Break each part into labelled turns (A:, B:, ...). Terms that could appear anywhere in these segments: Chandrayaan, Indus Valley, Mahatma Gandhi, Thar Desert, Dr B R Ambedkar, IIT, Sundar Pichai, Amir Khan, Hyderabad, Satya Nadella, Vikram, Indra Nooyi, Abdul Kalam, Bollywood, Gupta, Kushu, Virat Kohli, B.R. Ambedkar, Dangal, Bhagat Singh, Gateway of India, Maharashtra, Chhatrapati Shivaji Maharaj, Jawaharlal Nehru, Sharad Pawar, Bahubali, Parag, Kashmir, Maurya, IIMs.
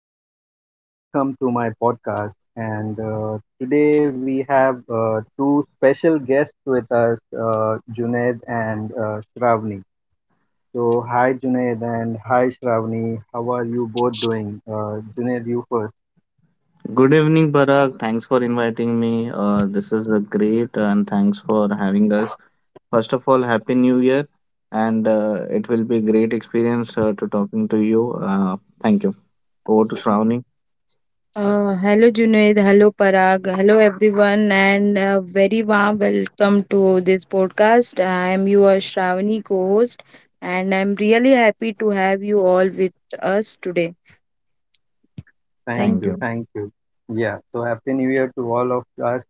A: and welcome to my podcast. And today we have two special guests with us, Junaid and Shravani. So, hi, Junaid, and hi, Shravani. How are you both doing? Junaid, you first.
B: Good evening, Parag. Thanks for inviting me. This is a great and thanks for having us. First of all, Happy New Year, and it will be a great experience to talking to you. Thank you. Over to Shravani.
C: Hello Junaid, hello Parag, hello everyone, and a very warm welcome to this podcast. I am your Shravani co host, and I'm really happy to have you all with us today.
A: Thank
B: Thank
C: Thank
A: you.
B: you.
C: you.
A: Thank you. Yeah. So, Happy New Year to all of us.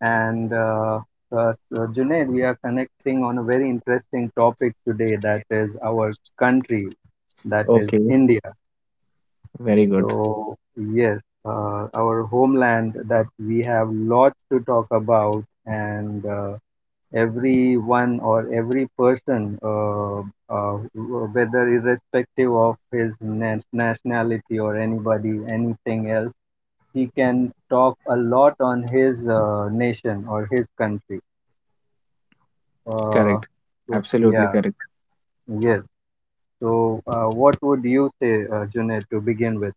A: And so Junaid, we are connecting on a very interesting topic today, that is our country, that is
B: Okay,
A: India.
B: very good.
A: So, yes, our homeland that we have lots to talk about, and everyone or every person, whether irrespective of his nationality or anybody, anything else, he can talk a lot on his nation or his country. Uh,
B: Correct.
A: so,
B: Absolutely
A: yeah,
B: correct.
A: yes. So, what would you say, Junaid, to begin with?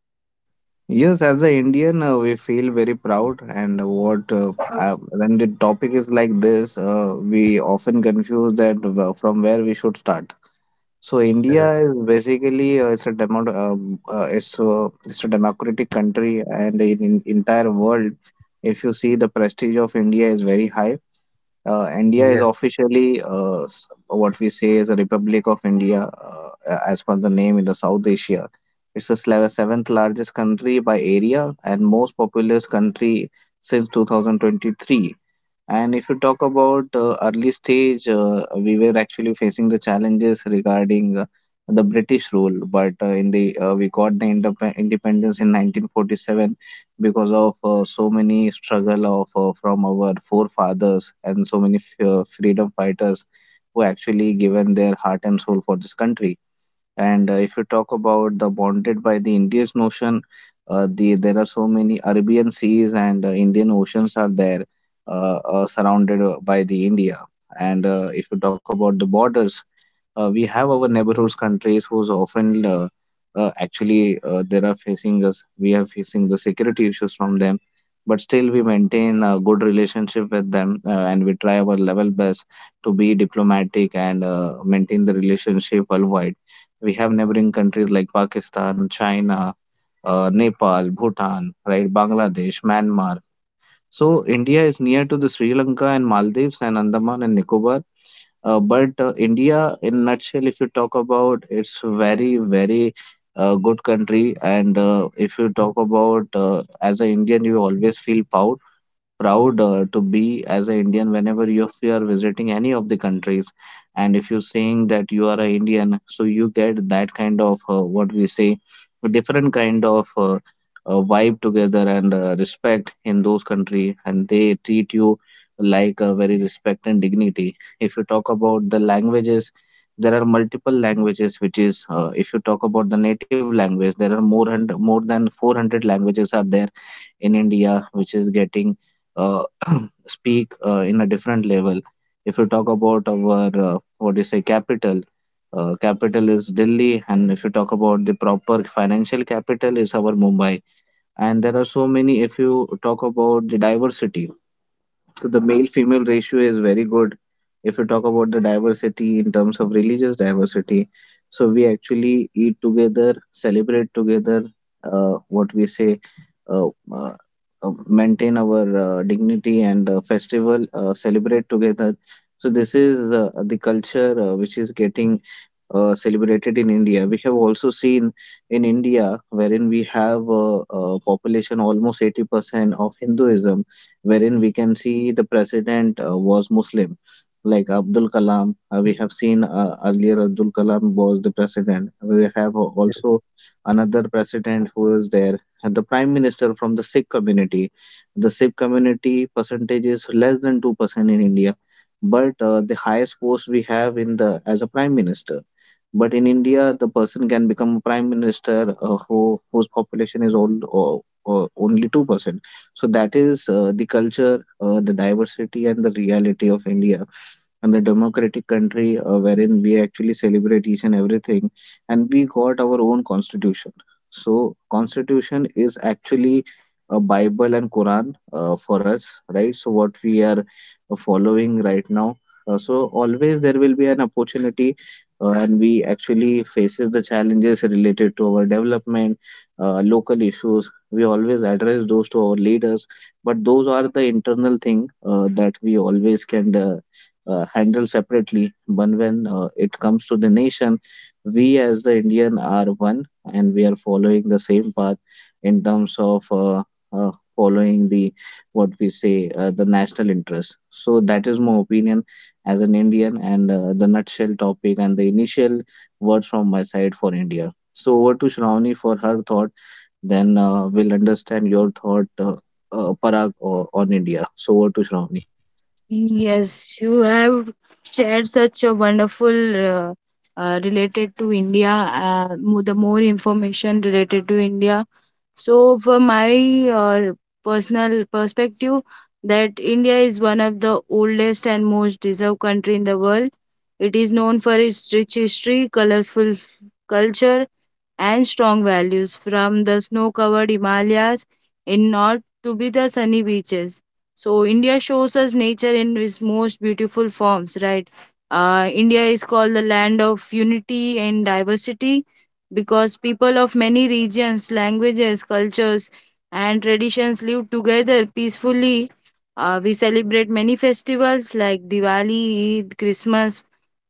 B: Yes, as an Indian, we feel very proud. And what when the topic is like this, we often confuse that from where we should start. So India
A: Correct.
B: is basically it's a demo, it's a democratic country, and in entire world, if you see the prestige of India is very high. India is officially what we say is a Republic of India, as per the name in the South Asia. It's the seventh largest country by area and most populous country since 2023. And if you talk about early stage, we were actually facing the challenges regarding the British rule, but in the we got the independence in 1947 because of so many struggle of from our forefathers and so many freedom fighters who actually given their heart and soul for this country. And if you talk about the bounded by the Indian Ocean, there are so many Arabian seas and Indian oceans are there, surrounded by the India. And if you talk about the borders, we have our neighborhoods countries who's often actually they are facing us we are facing the security issues from them but still we maintain a good relationship with them and we try our level best to be diplomatic and maintain the relationship worldwide. We have neighboring countries like Pakistan, China, Nepal, Bhutan, right, Bangladesh, Myanmar. So India is near to the Sri Lanka and Maldives and Andaman and Nicobar. But India, in nutshell, if you talk about, it's very, very good country. And if you talk about, as an Indian, you always feel proud to be as an Indian whenever you, if you are visiting any of the countries. And if you're saying that you are an Indian, so you get that kind of what we say, a different kind of vibe together and respect in those country, and they treat you like a very respect and dignity. If you talk about the languages. There are multiple languages, which is if you talk about the native language, there are more and more than 400 languages are there in India, which is getting uh, speak in a different level. If you talk about our what do you say capital, capital is Delhi, and if you talk about the proper financial capital is our Mumbai. And there are so many. If you talk about the diversity, so the male female ratio is very good. If you talk about the diversity in terms of religious diversity, so we actually eat together, celebrate together, uh, what we say, uh, uh, maintain our dignity and the festival, celebrate together. So this is the culture which is getting celebrated in India. We have also seen in India, wherein we have a population almost 80% of Hinduism, wherein we can see the president was Muslim, like Abdul Kalam. We have seen earlier Abdul Kalam was the president. We have also another president who is there, and the prime minister from the Sikh community. The Sikh community percentage is less than 2% in India. But the highest post we have in the as a prime minister but in India, the person can become a prime minister whose population is all, or only 2%. So that is the culture, the diversity, and the reality of India and the democratic country wherein we actually celebrate each and everything and we got our own constitution. So constitution is actually a bible and quran for us, right? So what we are following right now. So always there will be an opportunity and we actually faces the challenges related to our development. Local issues we always address those to our leaders but those are the internal thing that we always can handle separately. But when it comes to the nation, we as the Indian are one, and we are following the same path in terms of following the what we say the national interest. So that is my opinion as an Indian, and the nutshell topic and the initial words from my side for India. So over to Shravani for her thought. Then we'll understand your thought, Parag, on India. So over to Shravani.
C: Yes, you have shared such a wonderful related to India, the more information related to India. So, for my uh, personal perspective, that India is one of the oldest and most deserved country in the world. It is known for its rich history, colorful culture, and strong values from the snow covered Himalayas in north to be the sunny beaches. So, India shows us nature in its most beautiful forms, right? India is called the land of unity and diversity because people of many regions, languages, cultures, and traditions live together peacefully. We celebrate many festivals like Diwali, Eid, Christmas,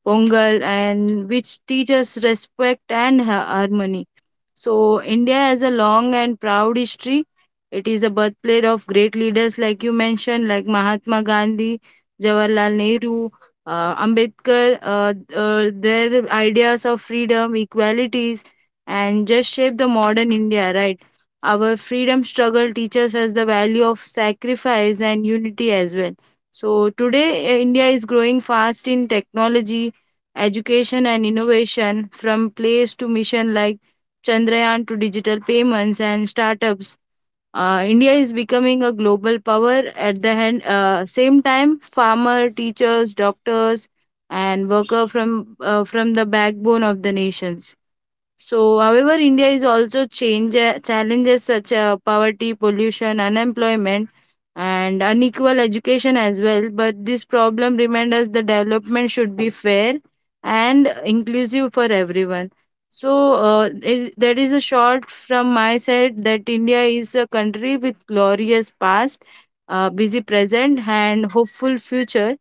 C: Pongal, and which teach us respect and harmony. So, India has a long and proud history. It is a birthplace of great leaders, like you mentioned, like Mahatma Gandhi, Jawaharlal Nehru, Ambedkar. Their ideas of freedom, equalities, and just shape the modern India, right? Our freedom struggle teaches us the value of sacrifice and unity as well. So, today, India is growing fast in technology, education, and innovation from place to mission like Chandrayaan to digital payments and startups, India is becoming a global power. At the hand, same time, farmer, teachers, doctors, and worker from the backbone of the nations. So, however, India is also change, challenges such as poverty, pollution, unemployment, and unequal education as well. But this problem reminds us the development should be fair and inclusive for everyone. So, that is a short from my side that India is a country with glorious past, busy present, and hopeful future.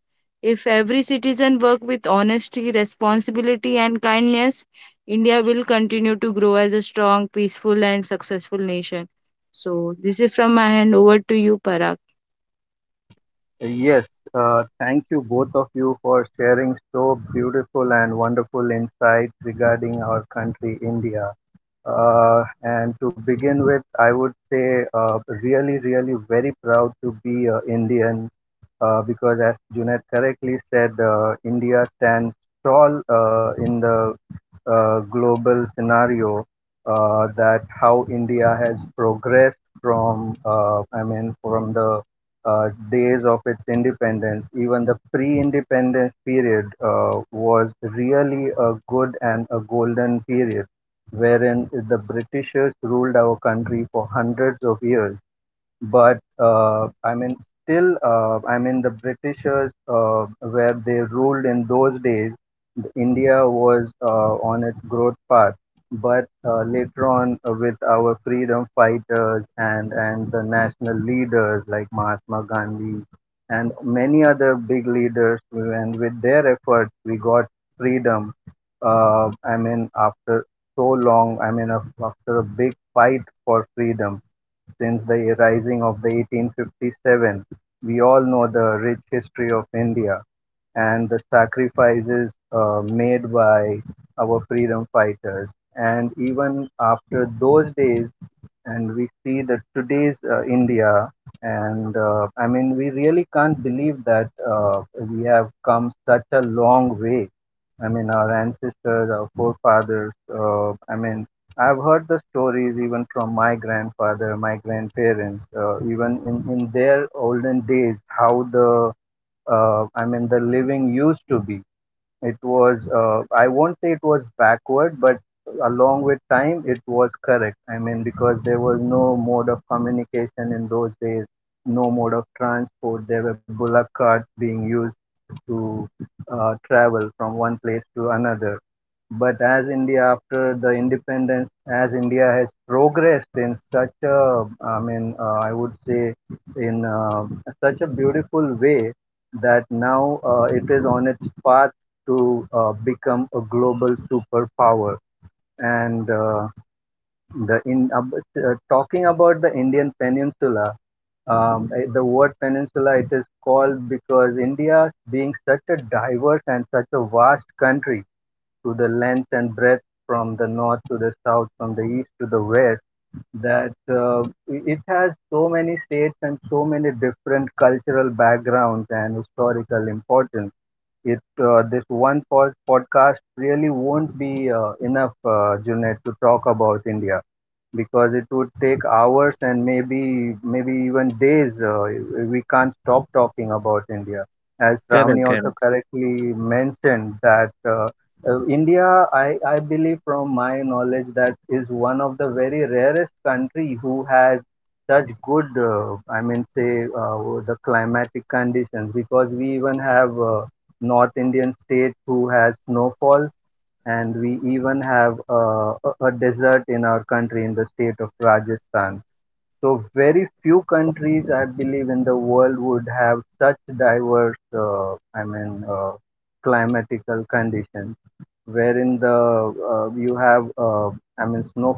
C: If every citizen work with honesty, responsibility, and kindness, India will continue to grow as a strong, peaceful, and successful nation. So, this is from my hand over to you, Parag.
A: Yes, thank you both of you for sharing so beautiful and wonderful insights regarding our country, India. And to begin with, I would say really, really very proud to be Indian because, as Junaid correctly said, India stands tall in the global scenario, that how India has progressed from, I mean, from the days of its independence. Even the pre-independence period was really a good and a golden period wherein the Britishers ruled our country for hundreds of years, but I mean, still, I mean, the Britishers where they ruled in those days, the India was on its growth path. But later on, with our freedom fighters and the national leaders like Mahatma Gandhi and many other big leaders, and with their efforts, we got freedom. I mean, after so long, I mean, after a big fight for freedom since the rising of the 1857. We all know the rich history of India and the sacrifices made by our freedom fighters. And even after those days, and we see that today's India, and I mean, we really can't believe that we have come such a long way. I mean, our ancestors, our forefathers. I mean, I've heard the stories even from my grandfather, my grandparents, even in their olden days, how the I mean, the living used to be. It was, I won't say it was backward, but along with time, it was correct. I mean, because there was no mode of communication in those days, no mode of transport. There were bullock carts being used to travel from one place to another. But as India, after the independence, as India has progressed in such a, I mean, I would say, in such a beautiful way that now it is on its path to become a global superpower. And talking about the Indian peninsula, the word peninsula it is called because India being such a diverse and such a vast country to the length and breadth, from the north to the south, from the east to the west, that uh, it has so many states and so many different cultural backgrounds and historical importance. It, this one podcast really won't be enough, Junaid, to talk about India, because it would take hours and maybe, even days. We can't stop talking about India. As
B: Correct.
A: Ravni also
B: Correct.
A: correctly mentioned that, India, I believe from my knowledge, that is one of the very rarest country who has such good, I mean say the climatic conditions, because we even have North Indian states who has snowfall, and we even have a desert in our country in the state of Rajasthan. So very few countries, I believe, in the world would have such diverse, I mean, climatical conditions, wherein the you have, I mean,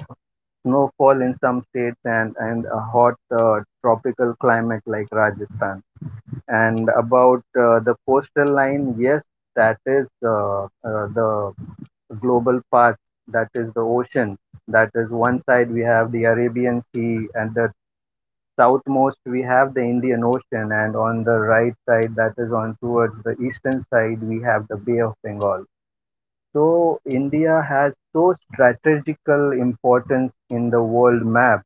A: snowfall in some states and a hot tropical climate like Rajasthan. And about the coastal line, yes, that is the global path, that is the ocean. That is, one side we have the Arabian Sea, and the southmost we have the Indian Ocean, and on the right side, that is on towards the eastern side, we have the Bay of Bengal. So India has so strategical importance in the world map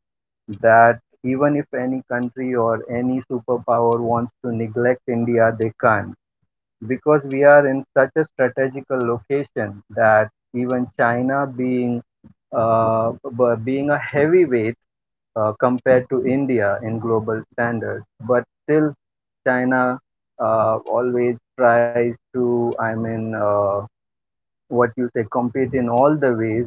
A: that even if any country or any superpower wants to neglect India, they can't. Because we are in such a strategical location that even China being uh, being a heavyweight compared to India in global standards, but still China always tries to, I mean, what you say, compete in all the ways,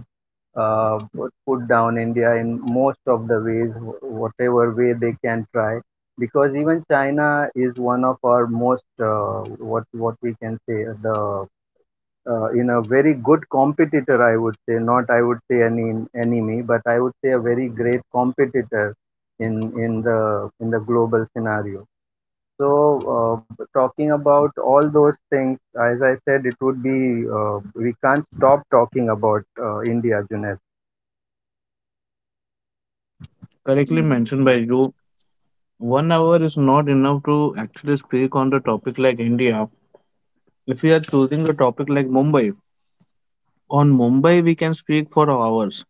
A: put down India in most of the ways, whatever way they can try, because even China is one of our most, what we can say the in a very good competitor. I would say, not I would say any enemy, but I would say a very great competitor in the in the global scenario. So, talking about all those things, as I said, it would be, we can't stop talking about India, Junaid.
B: Correctly mentioned by
C: Yes,
B: you, one hour is not enough to actually speak on the topic like India. If we are choosing the topic like Mumbai, on Mumbai we can speak for hours.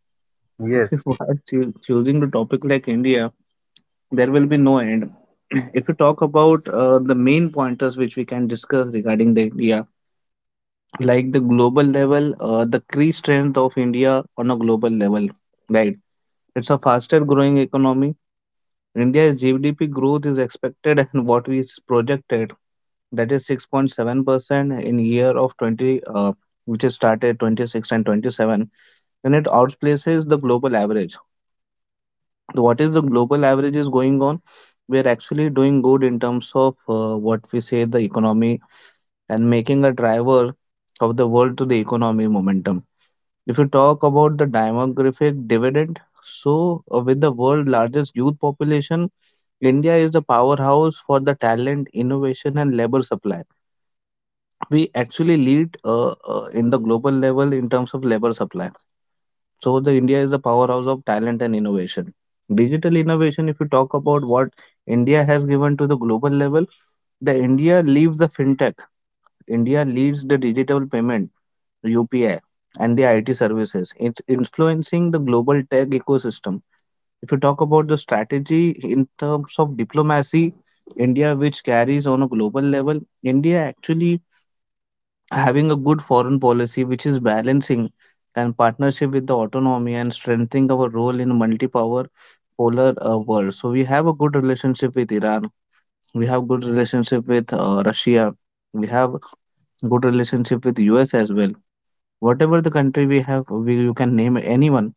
B: If
A: Yes.
B: we are choosing the topic like India, there will be no end. If you talk about the main pointers which we can discuss regarding the India, like the global level, the key strength of India on a global level, right? It's a faster growing economy. India's GDP growth is expected and projected that is 6.7% in year of 20 which is started 26 and 27, and it outplaces the global average. So what is the global average is going on, we are actually doing good in terms of what we say the economy, and making a driver of the world to the economy momentum. If you talk about the demographic dividend, so with the world largest youth population, India is the powerhouse for the talent, innovation and labor supply. We actually lead in the global level in terms of labor supply. So the India is the powerhouse of talent and innovation. Digital innovation, if you talk about what India has given to the global level, the India leads the fintech. India leads the digital payment, UPI, and the IT services. It's influencing the global tech ecosystem. If you talk about the strategy in terms of diplomacy, India, which carries on a global level, India actually having a good foreign policy which is balancing and partnership with the autonomy and strengthening our role in multi-power polar world. So we have a good relationship with Iran, we have good relationship with Russia, we have good relationship with us as well. Whatever the country we have, you can name anyone,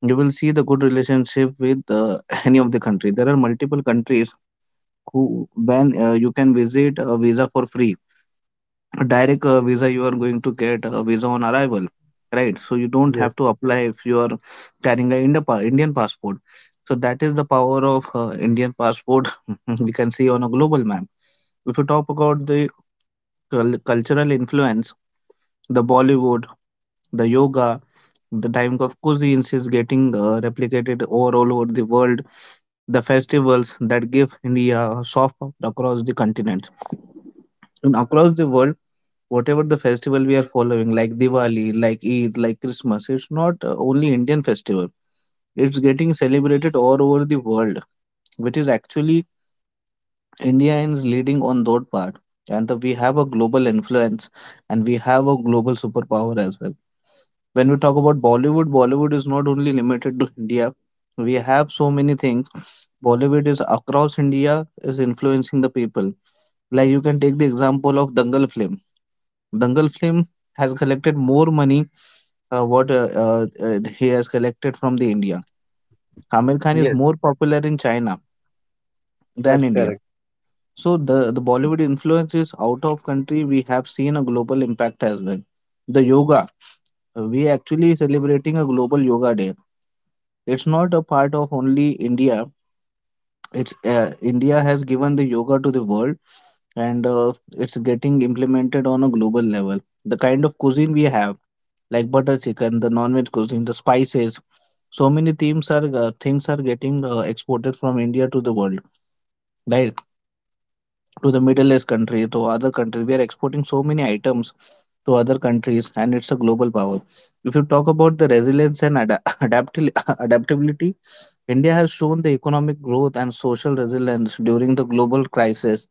B: you will see the good relationship with any of the country. There are multiple countries who when you can visit a visa for free, a direct visa, you are going to get a visa on arrival, right? So you don't have
A: Yes,
B: to apply if you are carrying an indian passport. So that is the power of indian passport. We can see on a global map. If you talk about the cultural influence, the Bollywood, the yoga, the type of cuisines is getting replicated over all over the world, the festivals that give India a soft power across the continent and across the world. Whatever the festival we are following, like Diwali, like Eid, like Christmas, it's not only Indian festival. It's getting celebrated all over the world, which is actually India is leading on that part. And the, we have a global influence and we have a global superpower as well. When we talk about Bollywood, Bollywood is not only limited to India. We have so many things. Bollywood is across India is influencing the people. Like you can take the example of Dangal film. Dangal film has collected more money what he has collected from the India. Amir Khan is
A: yes,
B: more popular in China than
A: that's
B: India.
A: correct,
B: So the Bollywood influence is out of country. We have seen a global impact as well. The yoga, we actually celebrating a global yoga day. It's not a part of only India. It's India has given the yoga to the world, and it's getting implemented on a global level. The kind of cuisine we have, like butter chicken, the non-veg cuisine, the spices, so many themes are things are getting exported from india to the world, right, to the middle east country, to other countries. We are exporting so many items to other countries, and it's a global power. If you talk about the resilience and adaptability, india has shown the economic growth and social resilience during the global crisis,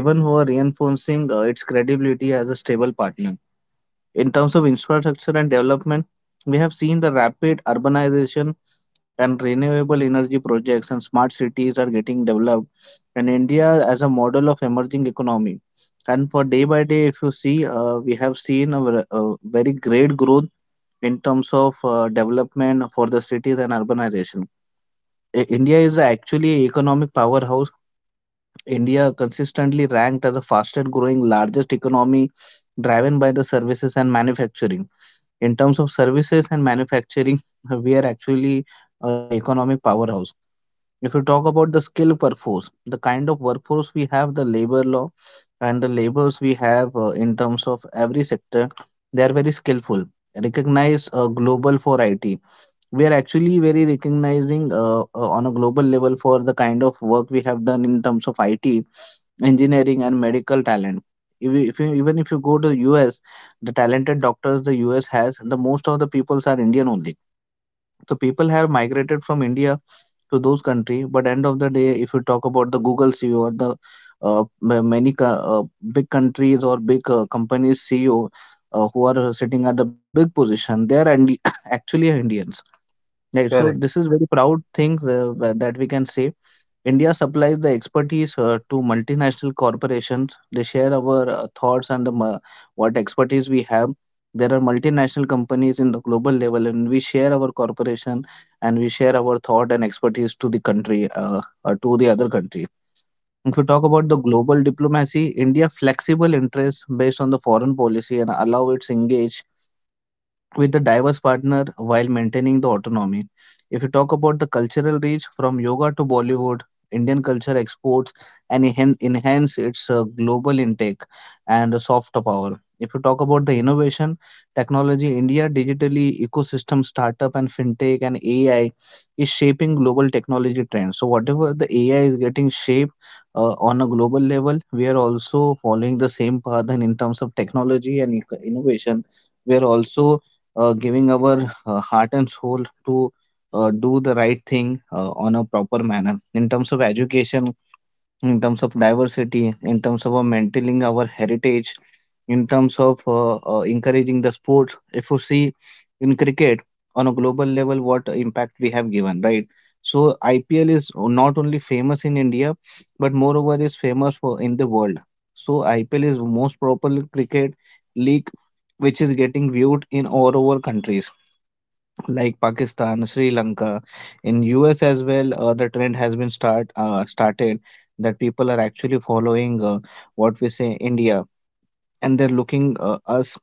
B: even who reinforcing its credibility as a stable partner in terms of infrastructure and development. We have seen the rapid urbanization, and renewable energy projects and smart cities are getting developed, and india as a model of emerging economy. And for day by day, if you see, we have seen a very great growth in terms of development for the cities and urbanization. India is actually an economic powerhouse. India consistently ranked as the fastest growing largest economy, driven by the services and manufacturing. In terms of services and manufacturing, we are actually an economic powerhouse. If you talk about the skilled workforce, the kind of workforce we have, the labor law and the labors we have, in terms of every sector, they are very skillful. Recognize global for IT. We are actually very recognizing on a global level for the kind of work we have done in terms of IT, engineering and medical talent. If you, Even if you go to the US, the talented doctors the US has, the most of the peoples are Indian only. So people have migrated from India to those country. But end of the day, if you talk about the Google CEO or the uh, ma- many co- uh, big countries or big companies CEO, who are sitting at the big position, they are actually Indians. Right. So
A: correct.
B: this is very proud thing that we can say. India supplies the expertise to multinational corporations. They share our thoughts and what expertise we have. There are multinational companies in the global level, and we share our corporation and we share our thought and expertise to the country, to the other country. If we talk about the global diplomacy, India flexible interests based on the foreign policy and allow its engage with a diverse partner while maintaining the autonomy. If you talk about the cultural reach from yoga to Bollywood, Indian culture exports and enhance its global intake and soft power. If you talk about the innovation, technology, India digitally ecosystem, startup and fintech and AI is shaping global technology trends. So whatever the AI is getting shaped on a global level, we are also following the same path and in terms of technology and innovation. We are also giving our heart and soul to do the right thing on a proper manner, in terms of education, in terms of diversity, in terms of maintaining our heritage, in terms of encouraging the sports. If you see in cricket on a global level, what impact we have given, right? So IPL is not only famous in India, but moreover is famous for in the world. So IPL is most popular cricket league, which is getting viewed in all over countries like Pakistan, Sri Lanka, in US as well. The trend has been started that people are actually following what we say India, and they're looking us,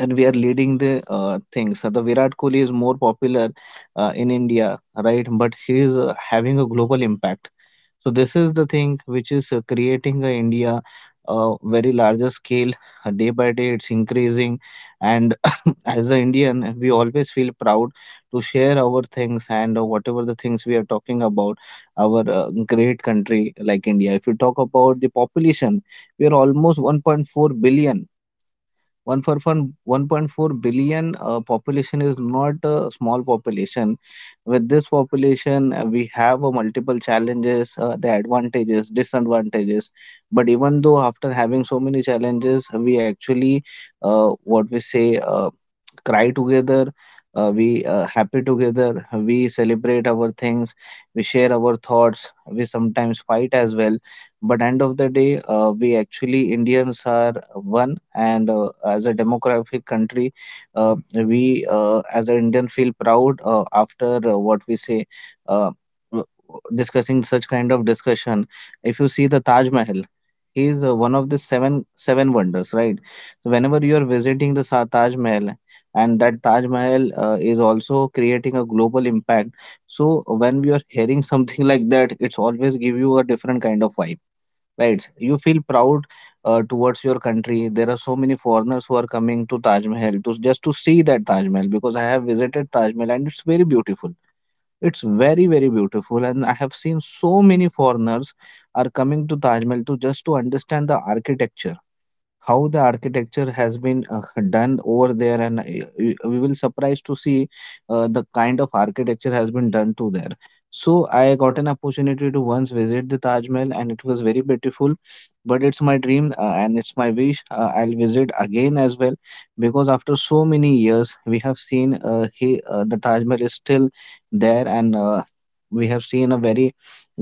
B: and we are leading the things. So the Virat Kohli is more popular in India, right? But he is having a global impact. So this is the thing which is creating a India very larger scale. Day by day, it's increasing, and as an Indian, we always feel proud to share our things and whatever the things we are talking about our great country like India. If you talk about the population, we are almost 1.4 billion. 1.4 billion population is not a small population. With this population, we have multiple challenges, the advantages, disadvantages. But even though after having so many challenges, we actually, what we say, cry together, we happy together, we celebrate our things, we share our thoughts, we sometimes fight as well. But end of the day, we actually Indians are one, and as a demographic country, we as an Indian feel proud after what we say. Uh, Discussing such kind of discussion, if you see the Taj Mahal, he is one of the seven wonders, right? So whenever you are visiting the Taj Mahal, and that Taj Mahal is also creating a global impact. So when we are hearing something like that, it's always give you a different kind of vibe, right? You feel proud towards your country. There are so many foreigners who are coming to Taj Mahal to just to see that Taj Mahal, because I have visited Taj Mahal and it's very beautiful. It's very beautiful, and I have seen so many foreigners are coming to Taj Mahal to just to understand the architecture, how the architecture has been done over there. And we will surprised to see the kind of architecture has been done to there. So I got an opportunity to once visit the Taj Mahal, and it was very beautiful, but it's my dream and it's my wish, I'll visit again as well. Because after so many years, we have seen the Taj Mahal is still there, and we have seen a very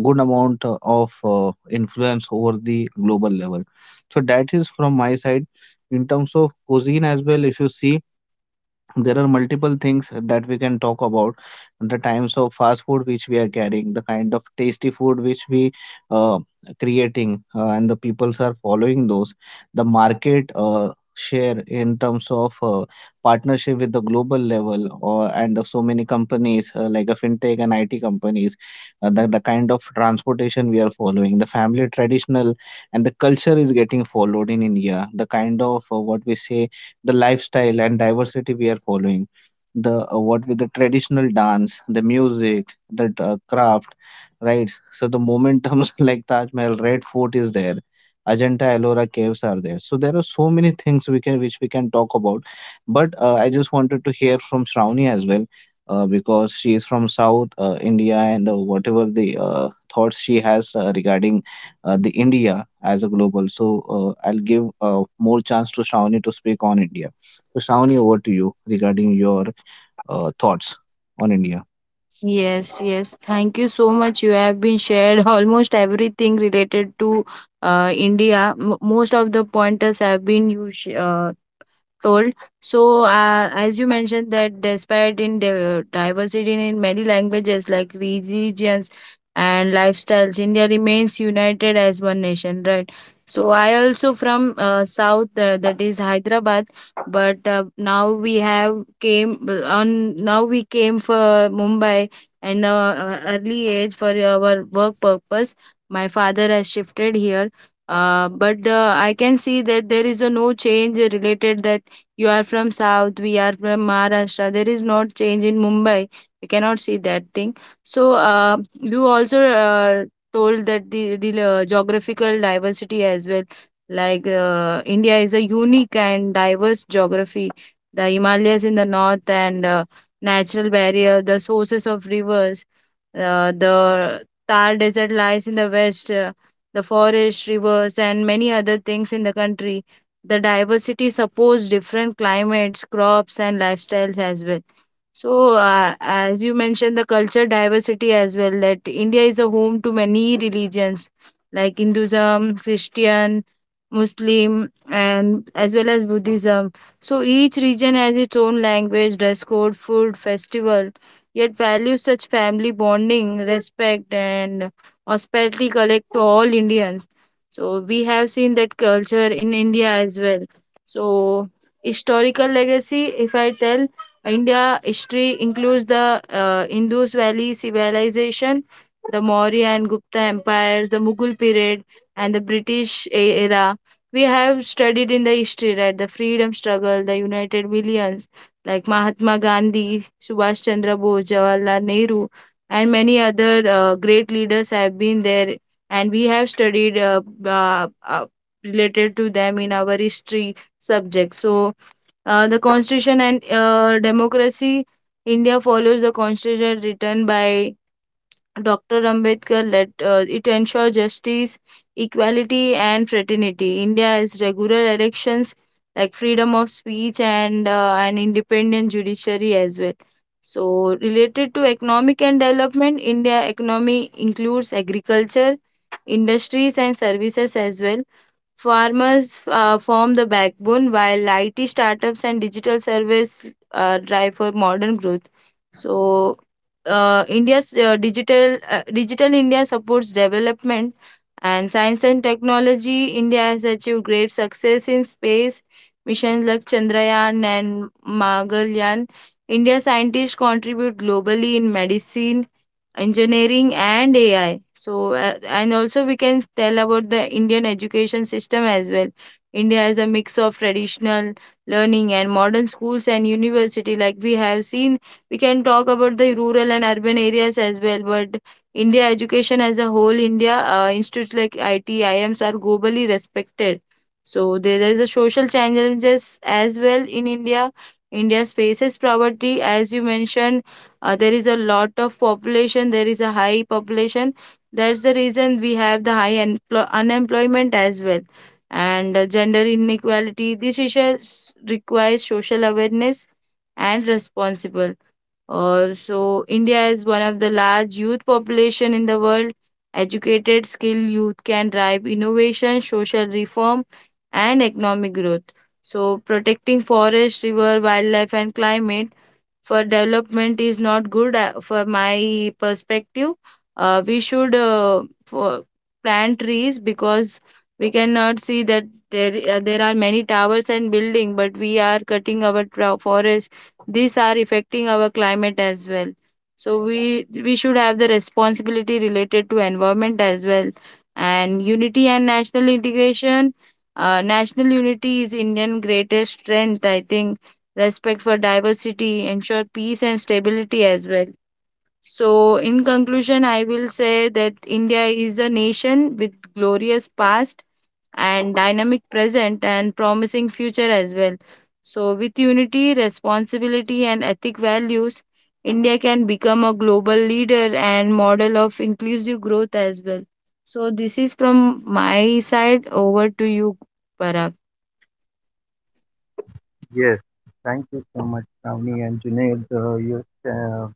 B: good amount of influence over the global level. So that is from my side. In terms of cuisine as well, if you see, there are multiple things that we can talk about: the times of fast food which we are carrying, the kind of tasty food which we uh, creating, and the peoples are following those, the market share in terms of partnership with the global level, or and of so many companies like a fintech and IT companies, the kind of transportation we are following, the family traditional and the culture is getting followed in India, the kind of what we say, the lifestyle and diversity we are following, the what with the traditional dance, the music, the craft, right? So the momentums like Taj Mahal, Red Fort is there, Ajanta Ellora caves are there. So there are so many things we can, which we can talk about. But I just wanted to hear from Shravani as well, because she is from south india, and whatever the thoughts she has regarding the India as a global. So I'll give more chance to Shravani to speak on India. So Shravani, over to you regarding your thoughts on India.
C: yes. Thank you so much. You have been shared almost everything related to India. Most of the pointers have been you told. So, as you mentioned that despite in diversity in many languages like religions and lifestyles, India remains united as one nation, right? So, I also from south that is Hyderabad, but now we came for Mumbai and early age for our work purpose. My father has shifted here but I can see that there is a no change related that you are from South, we are from Maharashtra. There is not change in Mumbai. We cannot see that thing. So you also told that the geographical diversity as well. Like India is a unique and diverse geography. The Himalayas in the north and natural barrier, the sources of rivers, the Thar Desert lies in the west, the forest, rivers, and many other things in the country. The diversity supports different climates, crops, and lifestyles as well. So, as you mentioned, the culture diversity as well, that India is a home to many religions like Hinduism, Christian, Muslim, and as well as Buddhism. So, each region has its own language, dress code, food, festival, yet values such family bonding, respect, and hospitality collect to all Indians. So, we have seen that culture in India as well. So, historical legacy, if I tell, India history includes the Indus Valley civilization, the Maurya and Gupta empires, the Mughal period, and the British era. We have studied in the history, right? The freedom struggle, the United Millions, like Mahatma Gandhi, Subhash Chandra Bose, Jawaharlal Nehru, and many other great leaders have been there, and we have studied related to them in our history subject. So the Constitution and Democracy. India follows the Constitution written by Dr. Ambedkar. Let, it ensures justice, equality, and fraternity. India has regular elections like freedom of speech and an independent judiciary as well. So, related to economic and development, India economy includes agriculture, industries, and services as well. Farmers form the backbone, while IT startups and digital service drive for modern growth. So, India's digital India supports development and science and technology. India has achieved great success in space missions like Chandrayaan and Mangalyaan. India scientists contribute globally in medicine, engineering and AI. So, and also we can tell about the Indian education system as well. India has a mix of traditional learning and modern schools and university. Like we have seen, we can talk about the rural and urban areas as well. But India education as a whole, India institutes like IT, IIMs are globally respected. So there is a social challenges as well in India. India faces poverty, as you mentioned, there is a lot of population. There is a high population. That's the reason we have the high unemployment as well and gender inequality. This issue requires social awareness and responsible. So india is one of the large youth population in the world. Educated skilled youth can drive innovation, social reform, and economic growth. So protecting forest, river, wildlife, and climate for development is not good for my perspective. We should for plant trees because we cannot see that there are many towers and building, but we are cutting our forest. These are affecting our climate as well. So we should have the responsibility related to environment as well. And unity and national integration. National unity is Indian greatest strength, I think, respect for diversity, ensure peace and stability as well. So, in conclusion, I will say that India is a nation with glorious past and dynamic present and promising future as well. So, with unity, responsibility, and ethic values, India can become a global leader and model of inclusive growth as well. So, this is from my side. Over to you, Parag.
A: Yes, thank you so much, Ravni and Junaid. You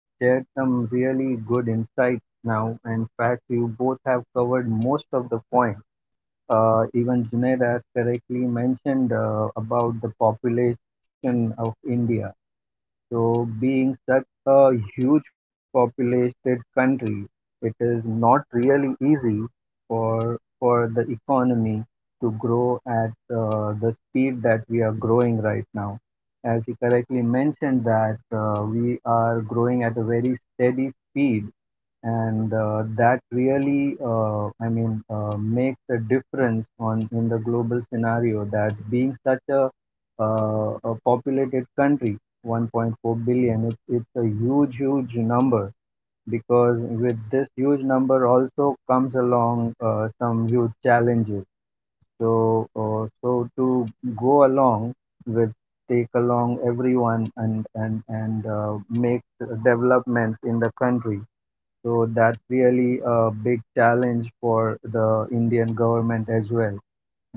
A: shared some really good insights now. In fact, you both have covered most of the points. Even Junaid has correctly mentioned about the population of India. So, being such a huge populated country, it is not really easy for the economy to grow at the speed that we are growing right now. As you correctly mentioned that we are growing at a very steady speed, and that really, I mean, makes a difference on in the global scenario, that being such a, a populated country, 1.4 billion. It's a huge, huge number, because with this huge number also comes along some huge challenges. So, so to go along with, take along everyone and make developments in the country. So that's really a big challenge for the Indian government as well,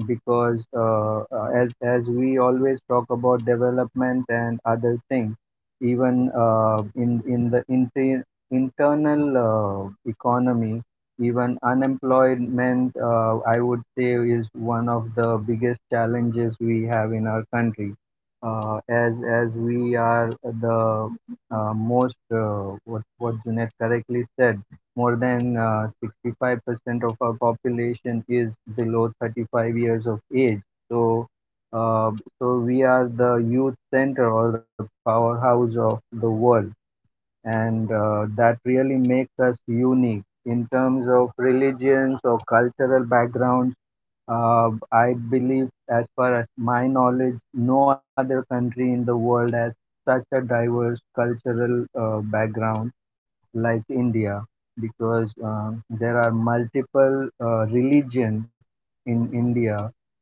A: because as we always talk about development and other things, even in the internal economy, even unemployment, I would say, is one of the biggest challenges we have in our country. As we are the most, what Junet correctly said, more than 65% of our population is below 35 years of age. So, uh, so we are the youth center or the powerhouse of the world, and that really makes us unique in terms of religions or cultural background. I believe, as far as my knowledge, no other country in the world has such a diverse cultural background like India, because there are multiple religions in India,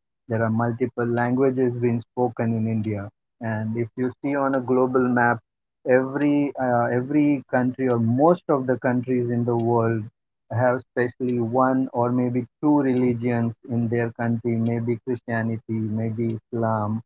A: there are multiple languages being spoken in India. And if you see on a global map, every, every country or most of the countries in the world have especially one or maybe two religions in their country, maybe Christianity, maybe Islam,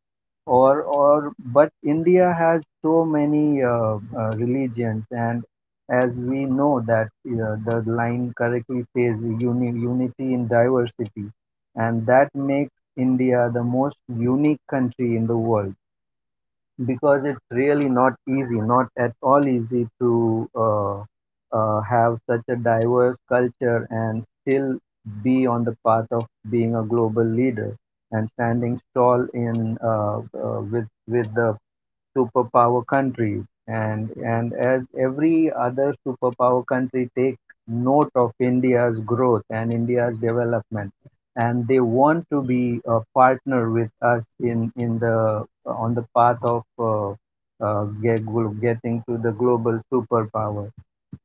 A: or but India has so many religions. And as we know that, the line correctly says, unity in diversity, and that makes India the most unique country in the world because it's really not easy, not at all easy to have such a diverse culture and still be on the path of being a global leader and standing tall in, with the superpower countries. And as every other superpower country takes note of India's growth and India's development, and they want to be a partner with us in the on the path of uh, uh, get, getting to the global superpower.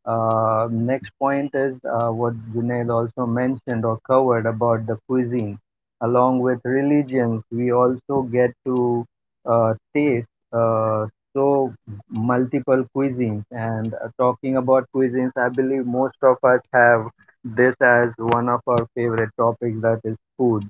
A: Next point is what Junaid also mentioned or covered about the cuisine. Along with religions, we also get to taste, so, multiple cuisines. And talking about cuisines, I believe most of us have this as one of our favorite topics, that is food.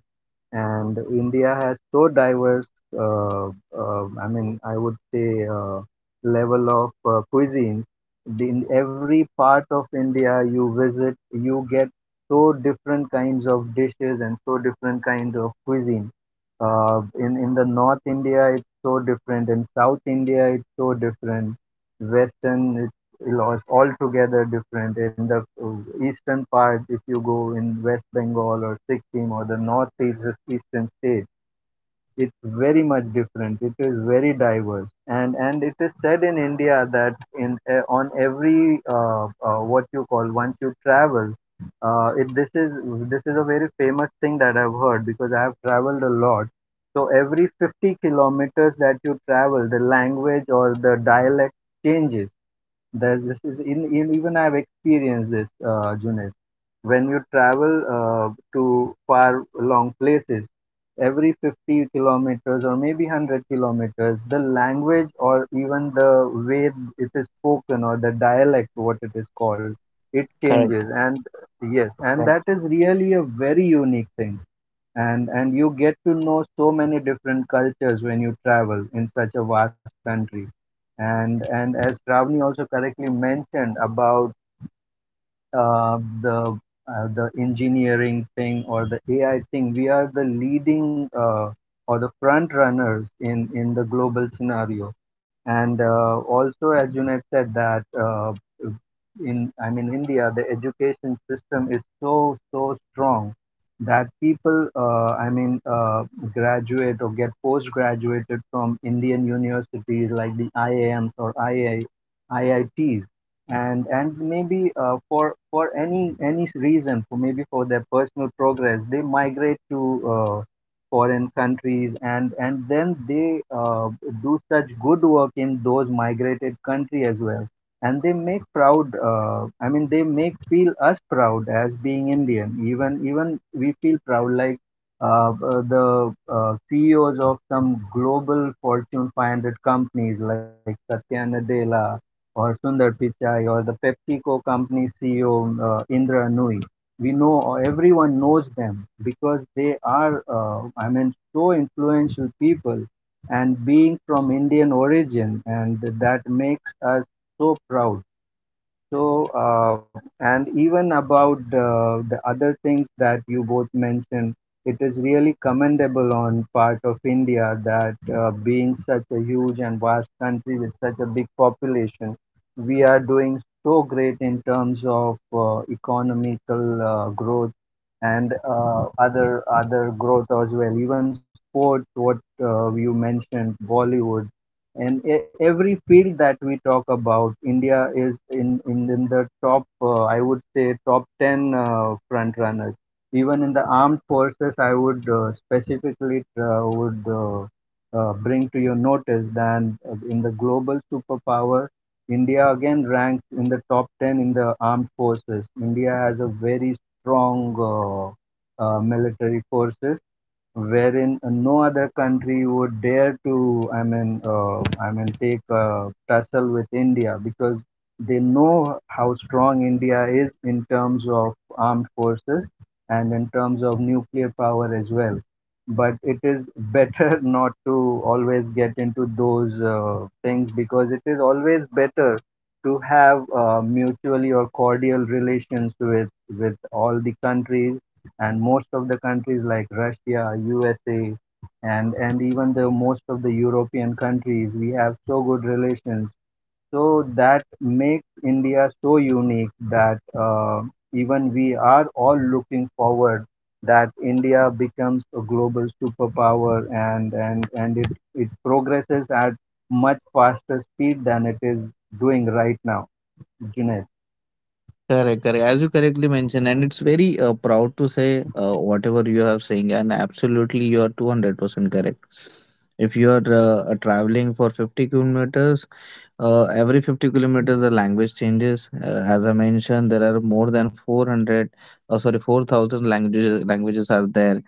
A: And India has so diverse, I mean, I would say, level of cuisine. In every part of India you visit, you get so different kinds of dishes and so different kinds of cuisine. In the North India, it's so different. In South India, it's so different. Western, laws altogether different. In the eastern part, if you go in West Bengal or Sikkim or the northeast eastern state, it's very much different. It is very diverse. And it is said in India that in on every what you call, once you travel. It, this is a very famous thing that I've heard because I have traveled a lot. So every 50 kilometers that you travel, the language or the dialect changes. There's this is in Even I've experienced this, Junaid. When you travel to far long places, every 50 kilometers or maybe 100 kilometers, the language or even the way it is spoken or the dialect, what it is called, it changes.
B: Correct,
A: And yes, and
B: correct,
A: that is really a very unique thing. And you get to know so many different cultures when you travel in such a vast country, and as Ravni also correctly mentioned about uh, the the engineering thing, or the AI thing, we are the leading, or the front runners in the global scenario. And also, as Junaid said, that in, I mean, India, the education system is so strong that people, I mean, graduate or get postgraduated from Indian universities like the IIMs or I II, and maybe for any reason, for maybe for their personal progress, they migrate to foreign countries, and then they do such good work in those migrated country as well, and they make proud, I mean, they make feel us proud as being Indian. Even we feel proud, like the CEOs of some global Fortune 500 companies like Satya Nadella or Sundar Pichai, or the PepsiCo company CEO, Indra Nooyi. We know, everyone knows them, because they are, I mean, so influential people, and being from Indian origin, and that makes us so proud. So, and even about the other things that you both mentioned, it is really commendable on part of India, that being such a huge and vast country with such a big population, we are doing so great in terms of economical growth, and other growth as well. Even sports, what you mentioned, Bollywood, and every field that we talk about, India is in the top, I would say, top 10, front runners. Even in the armed forces, I would, specifically, would, bring to your notice that, in the global superpower, India again ranks in the top 10. In the armed forces, India has a very strong, military forces, wherein, no other country would dare to, I mean, take a tussle with India, because they know how strong India is in terms of armed forces and in terms of nuclear power as well. But it is better not to always get into those things, because it is always better to have mutually or cordial relations with all the countries. And most of the countries like Russia, USA, and even the most of the European countries, we have so good relations. So that makes India so unique that, even we are all looking forward that India becomes a global superpower, and it progresses at much faster speed than it is doing right now. Junaid.
B: correct. As you correctly mentioned, and it's very proud to say whatever you have saying, and absolutely you are 200% correct. If you are traveling for 50 kilometers. Every 50 kilometers, the language changes. As I mentioned, there are more than 400, sorry, 4,000 languages are there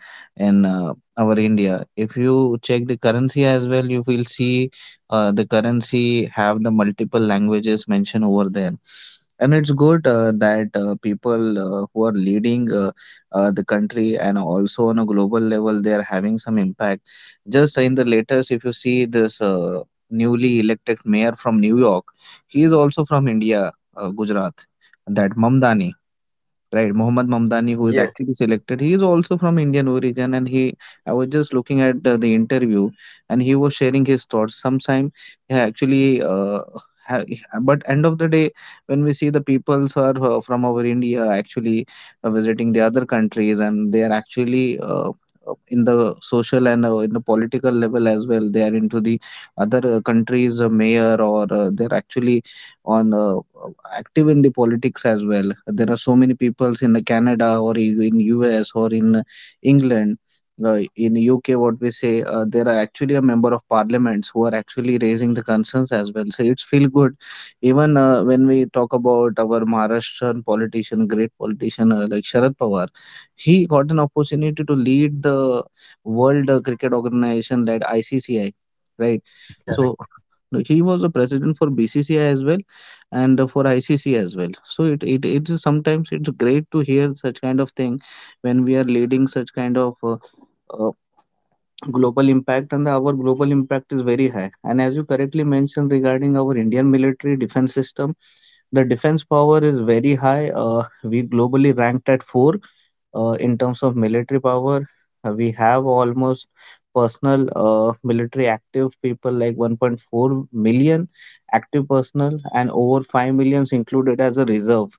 B: in our India. If you check the currency as well, you will see the currency have the multiple languages mentioned over there. And it's good that people who are leading, the country and also on a global level, they are having some impact. Just in the latest, if you see this. Newly elected mayor from New York. He is also from India, Gujarat, that Mamdani. Right, Mohammad Mamdani, who is
A: Yes,
B: actually selected, he is also from Indian origin, and he. I was just looking at the interview, and he was sharing his thoughts. Sometime he actually, ha- but end of the day, when we see the peoples are from our India actually visiting the other countries, and they are actually in the social and in the political level as well. They are into the other countries' mayor, or they're actually on active in the politics as well. There are so many peoples in the Canada or in US or in England, in UK, what we say, there are actually a member of parliaments who are actually raising the concerns as well. So it's feel good. Even when we talk about our Maharashtrian politician, great politician like Sharad Pawar, he got an opportunity to lead the World Cricket Organization, led ICCI, right? So no, he was a president for BCCI as well, and for ICC as well. So it is sometimes it's great to hear such kind of thing when we are leading such kind of uh, global impact. And our global impact is very high, and as you correctly mentioned regarding our indian military defense system, the defense power is very high. We globally ranked at 4 in terms of military power. We have almost personal military active people like 1.4 million active personnel and over 5 millions included as a reserve.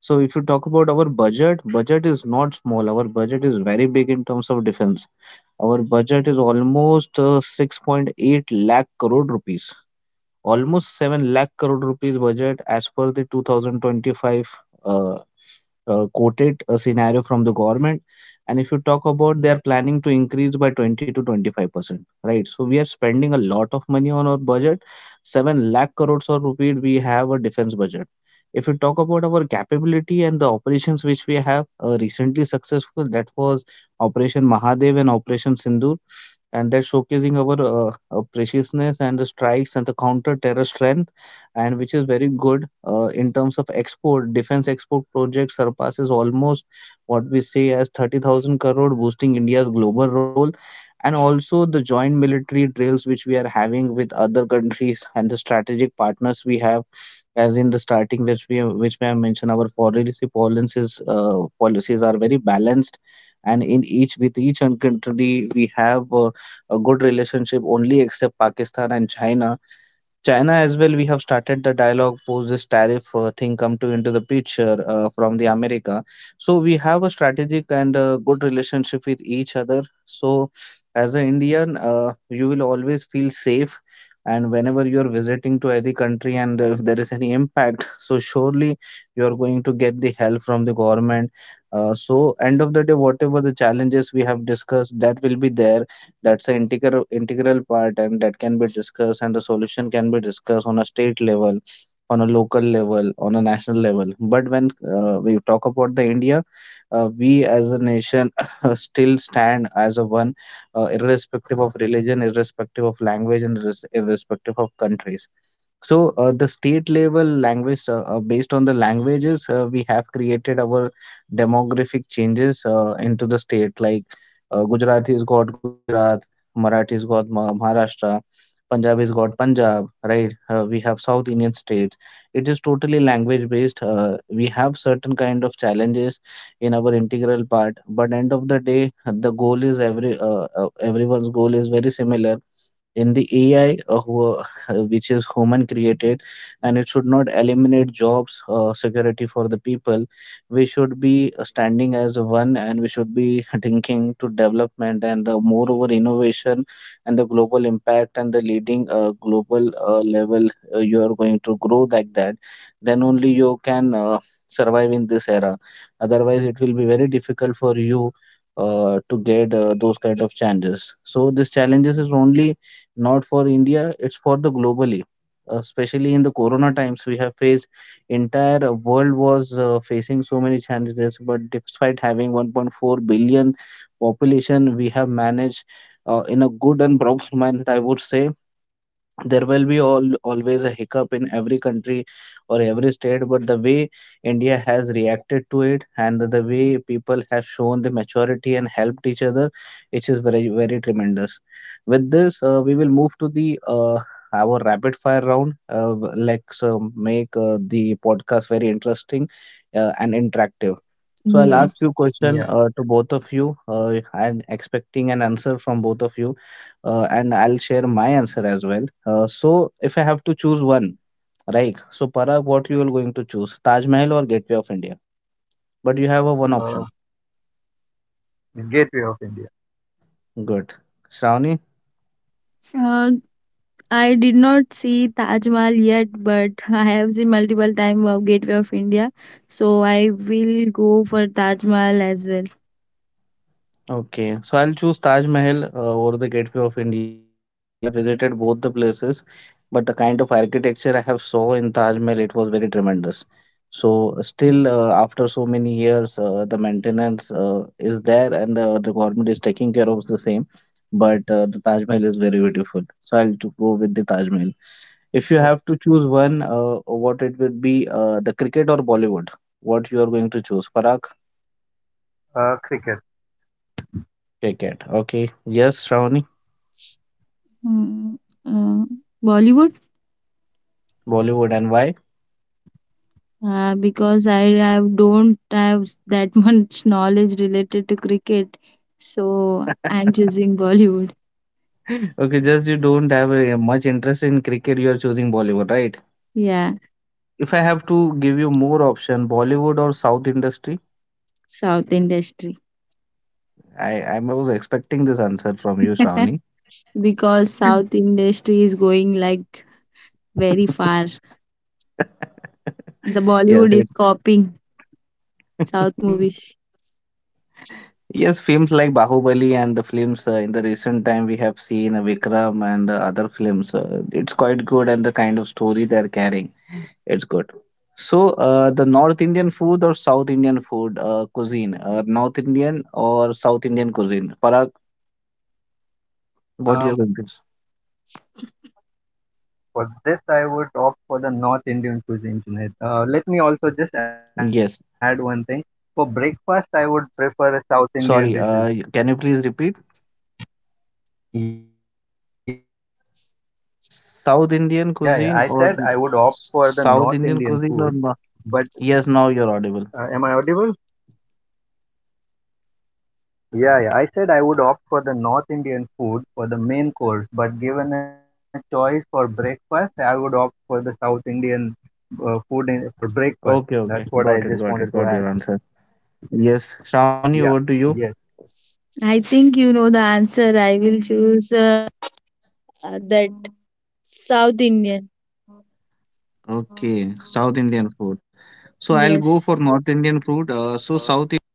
B: So if you talk about our budget, is not small. Our budget is very big in terms of defense. Our budget is almost 6.8 lakh crore rupees. Almost 7 lakh crore rupees budget as per the 2025 uh, quoted a scenario from the government. And if you talk about, they are planning to increase by 20 to 25%, right? So we are spending a lot of money on our budget, 7 lakh crores or rupees we have a defense budget. If you talk about our capability and the operations which we have recently successful, that was operation mahadev and operation sindhu, and they're showcasing our preciousness and the strikes and the counter terror strength, and which is very good. In terms of export, defense export project surpasses almost what we say as 30,000 crore, boosting india's global role. And also the joint military drills which we are having with other countries and the strategic partners we have, as in the starting which we have mentioned, our foreign policy policies are very balanced. And in each, with each country we have a good relationship, only except Pakistan and China. China as well, we have started the dialogue post this tariff thing come to into the picture from the America. So we have a strategic and good relationship with each other. So as an Indian, you will always feel safe. And whenever you are visiting to any country and if there is any impact, so surely you are going to get the help from the government. So end of the day, whatever the challenges we have discussed, that will be there. That's the integral part, and that can be discussed, and the solution can be discussed on a state level, on a local level, on a national level. But when we talk about the India, we as a nation still stand as a one, irrespective of religion, irrespective of language, and irrespective of countries. So, the state level language, based on the languages, we have created our demographic changes into the state. Like Gujarati's got Gujarat, Marathi's got Maharashtra, Punjabi's got Punjab, right? We have South Indian states. It is totally language based. We have certain kind of challenges in our integral part, but end of the day, the goal is everyone's goal is very similar in the AI, which is human created, and it should not eliminate jobs, security for the people. We should be standing as one, and we should be thinking to development and the moreover innovation and the global impact and the leading global level. You are going to grow like that. Then only you can survive in this era. Otherwise, it will be very difficult for you to get those kind of challenges. So these challenges is only not for India, it's for the globally. Especially in the corona times, we have faced entire world was facing so many challenges. But despite having 1.4 billion population, we have managed in a good and proper manner, I would say. There will be all always a hiccup in every country or every state, but the way india has reacted to it and the way people have shown the maturity and helped each other, it is very very tremendous. With this we will move to the uh, our rapid fire round. Let's make the podcast very interesting and interactive. So I'll ask
C: Yes.
B: you question
A: yeah.
B: to both of you. I'm expecting an answer from both of you, and I'll share my answer as well. So, if I have to choose one, right? So, Parag, what you are going to choose, Taj Mahal or Gateway of India? But you have a one
A: Uh,
B: option.
A: Gateway of India.
B: Good. Shravani?
C: Uh, I did not see Taj Mahal yet, but I have seen multiple times of Gateway of India. So I will go for Taj Mahal as well.
B: Okay, so I'll choose Taj Mahal over the Gateway of India, because I have visited both the places, but the kind of architecture I have saw in Taj Mahal, it was very tremendous. So still, after so many years, the maintenance is there and the government is taking care of the same, but the Taj Mahal is very beautiful. So I'll to go with the Taj Mahal. If you
A: Oh.
B: have to choose one, what it would be, the cricket or Bollywood? What you are going to choose, Parag?
A: Cricket.
B: Cricket. Okay. Yes, Shravani.
C: Hmm, uh, Bollywood,
B: Bollywood, and why?
C: because I have, don't have that much knowledge related to cricket. So I'm choosing Bollywood.
B: Okay, just you don't have much interest in cricket, you are choosing Bollywood, right?
C: Yeah,
B: If I have to give you more option, Bollywood or South industry,
C: South industry.
B: I was expecting this answer from you, Shravani.
C: Because South industry is going like very far. The
B: Yes,
C: Bollywood
B: it,
C: is copying South movies.
B: yes, films like Bahubali and the films in the recent time we have seen Vikram and the other films. It's quite good, and the kind of story they're carrying, it's good. So, the North Indian food or South Indian food cuisine? North Indian or South Indian cuisine? Parag, what
A: Um,
B: your this?
A: for this, I would opt for the North Indian cuisine, Junaid. Let me also just add one thing. For breakfast, I would
B: Yes.
A: prefer South Indian dishes.
B: Sorry. Can you please repeat?
A: Yeah, yeah, I said I would opt for the North Indian food,
B: South Indian
A: but
B: cuisine or
A: am I
B: South
A: audible?
B: Indian cuisine or no? Yes. Now you're audible.
A: Yeah, yeah, I said I would opt for the North Indian food for the main course, but given a choice for breakfast, I would opt for the South Indian, food for breakfast. That's what I just wanted to add.
B: Okay. Okay. Got it. Got it. Got
A: Yeah.
B: your answer.
A: Yes.
B: Yes. Shravani, over to you.
C: I think you know the answer. I will.
B: Okay. South Indian food. So I'll go for North Indian food. So South Indian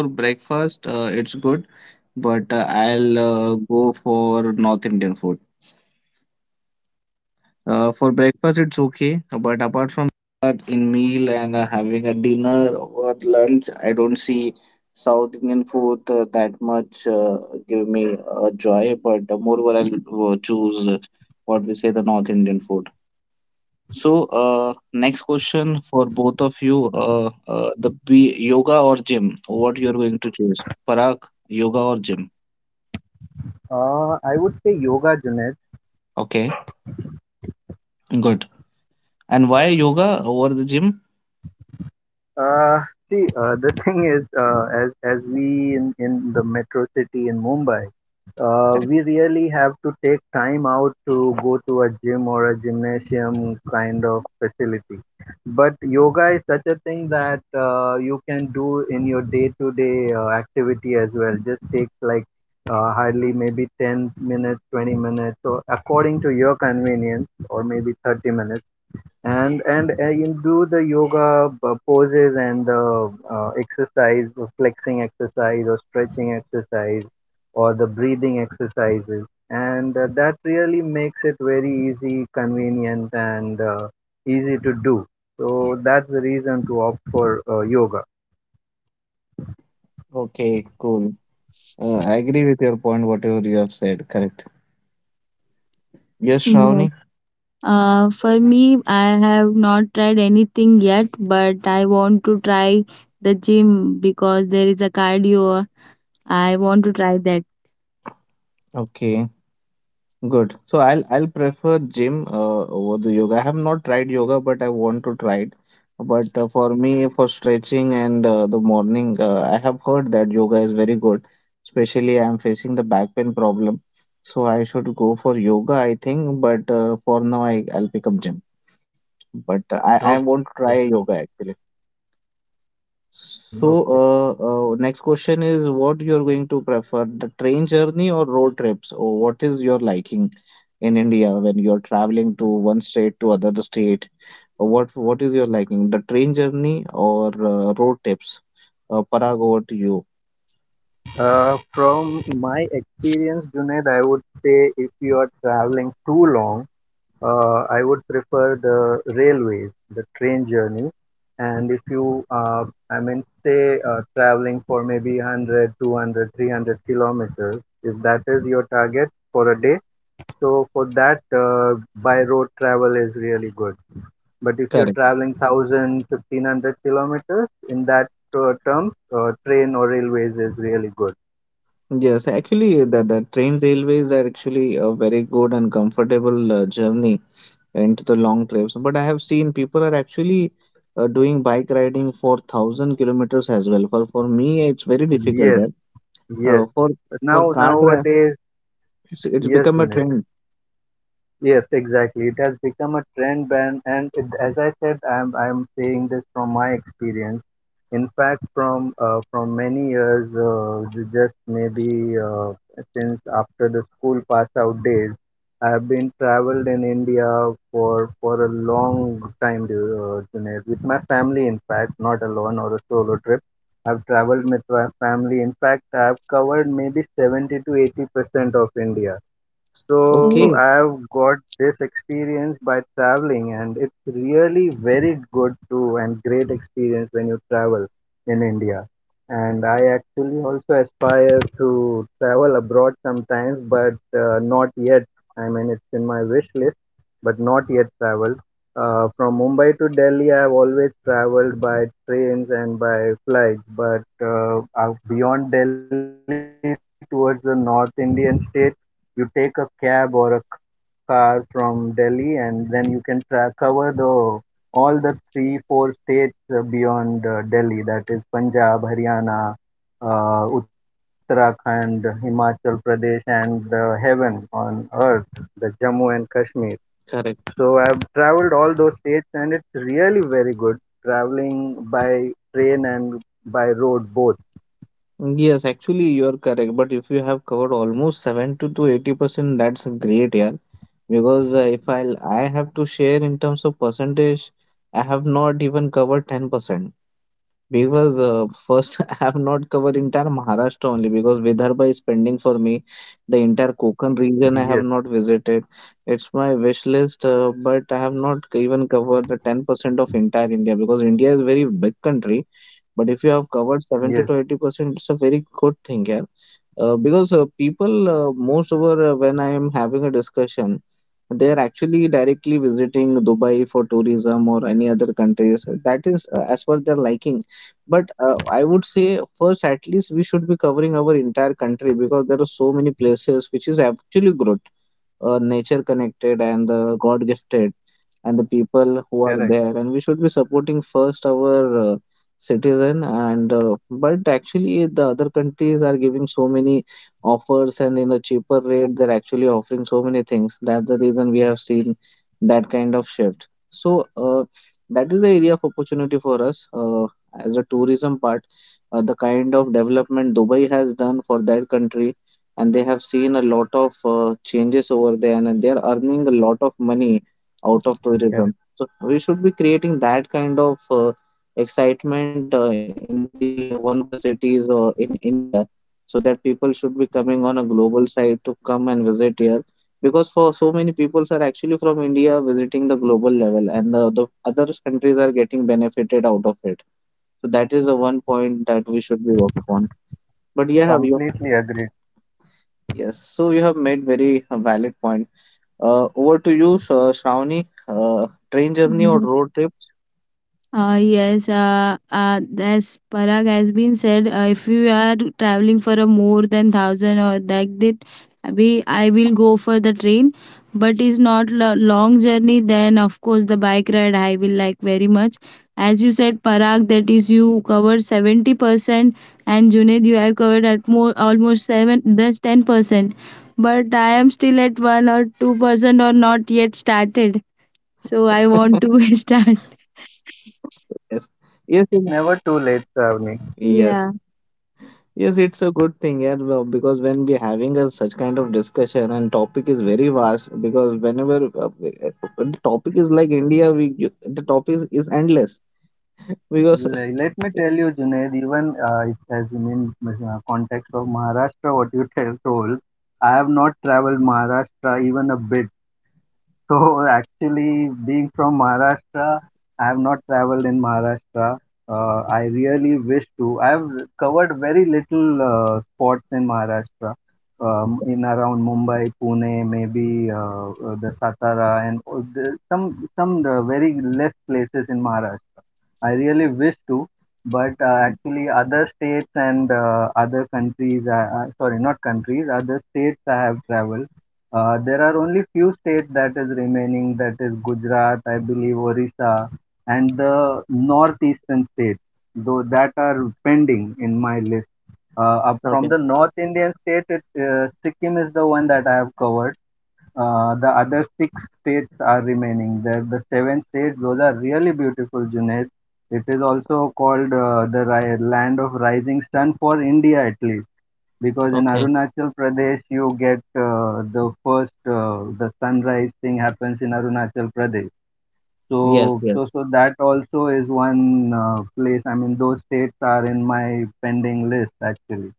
B: for breakfast, it's good. But I'll go for North Indian food. For breakfast, it's okay, but apart from that, in meal and having a dinner or lunch, I don't see South Indian food that much give me joy. But moreover, I'll choose what we say the North Indian food. So, next question for both of you: the B yoga or gym? What you're going to choose? Parag, yoga or gym?
A: I would say yoga, Junaid.
B: Okay, good. And why yoga over the gym?
A: Uh, See, the thing is, as we in the metro city in Mumbai,
B: Correct.
A: we really have to take time out to go to a gym or a gymnasium kind of facility. But yoga is such a thing that you can do in your day-to-day activity as well. Just takes like hardly maybe 10 minutes, 20 minutes, or according to your convenience, or maybe 30 minutes, and you do the yoga poses, and the, exercise, the flexing exercise or stretching exercise or the breathing exercises, and that really makes it very easy, convenient, and easy to do. So that's the reason to opt for yoga.
B: Okay, cool. I agree with your point, whatever you have said. Correct. Yes, Shravani.
C: Yes. For me, I have not tried anything yet, but I want to try the gym because there is a cardio. I want to try that.
B: Okay, good. So I'll prefer gym over the yoga. I have not tried yoga, but I want to try it. But for me, for stretching and the morning, I have heard that yoga is very good. Especially, I am facing the back pain problem, so I should go for yoga, I think. But for now, I'll pick up gym. But I want
A: Okay.
B: to try yoga actually.
A: Mhm.
B: So,
A: Okay.
B: next question is what you're going to prefer, the train journey or road trips? Or what is your liking in India when you're traveling to one state to other state? What what is your liking, the train journey or road trips? Parag, over to you.
A: From my experience, Junaid, I would say if you are traveling too long, I would prefer the railways, the train journey. And if you, I mean, say, traveling for maybe 100, 200, 300 kilometers, if that is your target for a day, so for that, by road travel is really good. But if you're
B: Correct.
A: traveling 1000, 1500 kilometers, in that, terms, train or railways is really good.
B: Yes, actually, the train railways are actually a very good and comfortable journey into the long trips. But I have seen people are actually doing bike riding for thousand kilometers as well. For me, it's very difficult.
A: Yes,
B: Yeah.
A: yes.
B: Uh, for for car drive,
A: Nowadays.
B: it's
A: Yes,
B: become a
A: Dinesh.
B: trend.
A: Yes, exactly. It has become a trend ban, and it, as I said, I'm saying this from my experience. In fact, from many years, just maybe since after the school pass out days, I have been traveled in India for a long time, Junaid, with my family. In fact, not alone or a solo trip. I've traveled with my family. In fact, I've covered maybe 70 to 80% of India, so
C: Oh,
B: Okay.
A: I've got this experience by traveling, and it's really very good too, and great experience when you travel in India. And I actually also aspire to travel abroad sometimes, but not yet. I mean, it's in my wish list, but not yet traveled. From Mumbai to Delhi, I've always traveled by trains and by flights, but out beyond Delhi towards the North Indian state, you take a cab or a car from Delhi, and then you can cover the all the three, four states beyond Delhi. That is Punjab, Haryana, Uttarakhand, Himachal Pradesh, and the heaven on earth, the Jammu and Kashmir.
B: Correct.
A: So I've traveled all those states, and it's really very good traveling by train and by road both.
B: Yes, actually you are correct. But if you have covered almost 70 to 80%, that's great, yeah. Because if I have to share in terms of percentage, I have not even covered 10%. Because first, I have not covered entire Maharashtra only because Vidarbha is pending for me. The entire Konkan region I have
A: Yes,
B: not visited. It's my wish list, but I have not even covered the 10% of entire India, because India is very big country. But if you have covered 70 to
A: yes,
B: 80%, it's a very good thing, yeah. Because people most over when I am having a discussion, they are actually directly visiting dubai for tourism or any other countries that is as per their liking. But I would say first at least we should be covering our entire country, because there are so many places which is actually good, nature connected and god gifted, and the people who are there, and
A: correct,
B: we should be supporting first our uh, citizen. And but actually the other countries are giving so many offers, and in the cheaper rate they're actually offering so many things. That's the reason we have seen that kind of shift. So that is the area of opportunity for us as the tourism part. The kind of development dubai has done for their country, and they have seen a lot of changes over there, and they are earning a lot of money out of tourism. So
A: correct.
B: we should be creating that kind of excitement in the one of the cities in India, so that people should be coming on a global side to come and visit here. Because for so many people are actually from India visiting the global level, and the other countries are getting benefited out of it. So that is the one point that we should be work upon. But yeah, have you?
A: Completely agreed.
B: Yes. So you have made very valid point. Over to you, Shravani. Train journey or
C: yes.
B: road trip?
C: Yes, as Parag has been said, if you are traveling for a more than thousand or like that, we I will go for the train. But is not long journey. Then of course the bike ride I will like very much. As you said, Parag, that is you covered 70%, and Junaid, you have covered at more almost seven, just 10%. But I am still at 1 or 2% or not yet started. So I want to start.
B: Yes,
A: It's
B: yes, yes,
A: never too late, Savni.
B: yes,
C: Yeah.
B: yes, it's a good thing, yeah, well, because when we're having a such kind of discussion and topic is very vast, because whenever when the topic is like India, the topic is endless, because
A: Let me tell you, Junaid, even it has been in context of Maharashtra, what you told, I have not traveled Maharashtra even a bit. So actually, being from Maharashtra, I have not traveled in Maharashtra. I really wish to. I have covered very little spots in Maharashtra, in around Mumbai, Pune, maybe, the Satara, and all the, some very less places in Maharashtra. I really wish to, but actually, other states and other countries, sorry, not countries, other states I have traveled. There are only few states that is remaining, that is Gujarat, I believe, Orissa, and the northeastern states, though, that are pending in my list. Up from
B: okay,
A: the North Indian state, Sikkim is the one that I have covered. The other six states are remaining. The seven states, those are really beautiful, Junaid. It is also called the land of rising sun for India, at least, because in
B: okay,
A: Arunachal Pradesh you get, the first, the sunrise thing happens in Arunachal Pradesh. So,
B: yes,
A: so,
B: yes,
A: so that also is one place. I mean, those states are in my pending list actually.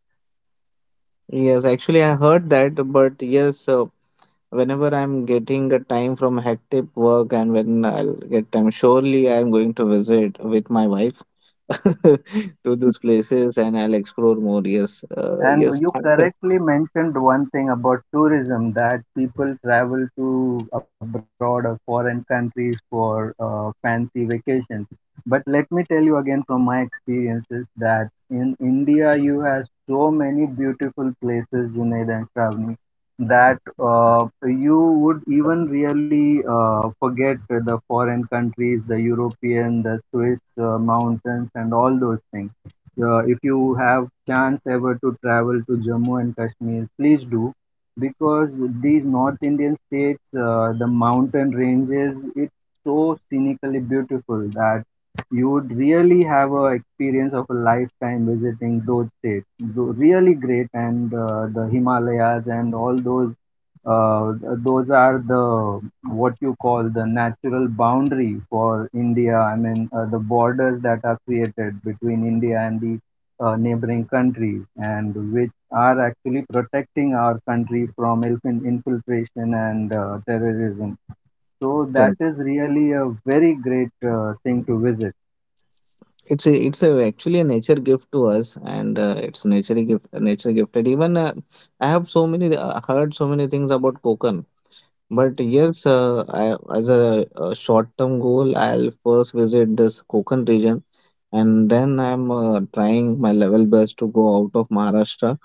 B: yes. Actually, I heard that, but yes, whenever I'm getting a time from hectic work and when I'll get time, surely I'm going to visit with my wife to these places and I'll explore more. Yes,
A: And
B: yes,
A: you correctly mentioned one thing about tourism, that people travel to abroad or foreign countries for fancy vacations. But let me tell you again from my experiences, that in India you have so many beautiful places, Junaid and Shravani, that you would even really forget the foreign countries, the European, the Swiss mountains, and all those things. If you have chance ever to travel to Jammu and Kashmir, please do, because these North Indian states, the mountain ranges, it's so scenically beautiful that you would really have a experience of a lifetime visiting those states. Really great, and the Himalayas and all those, uh, those are the, what you call, the natural boundary for India. I mean, the borders that are created between India and the neighboring countries, and which are actually protecting our country from infiltration and terrorism. So that
B: correct.
A: is really a very great thing to visit.
B: It's actually a nature gift to us, and it's nature gift, nature gifted. Even I have so many heard so many things about Konkan. But yes, I, as a short-term goal, I'll first visit this Konkan region and then I'm trying my level best to go out of Maharashtra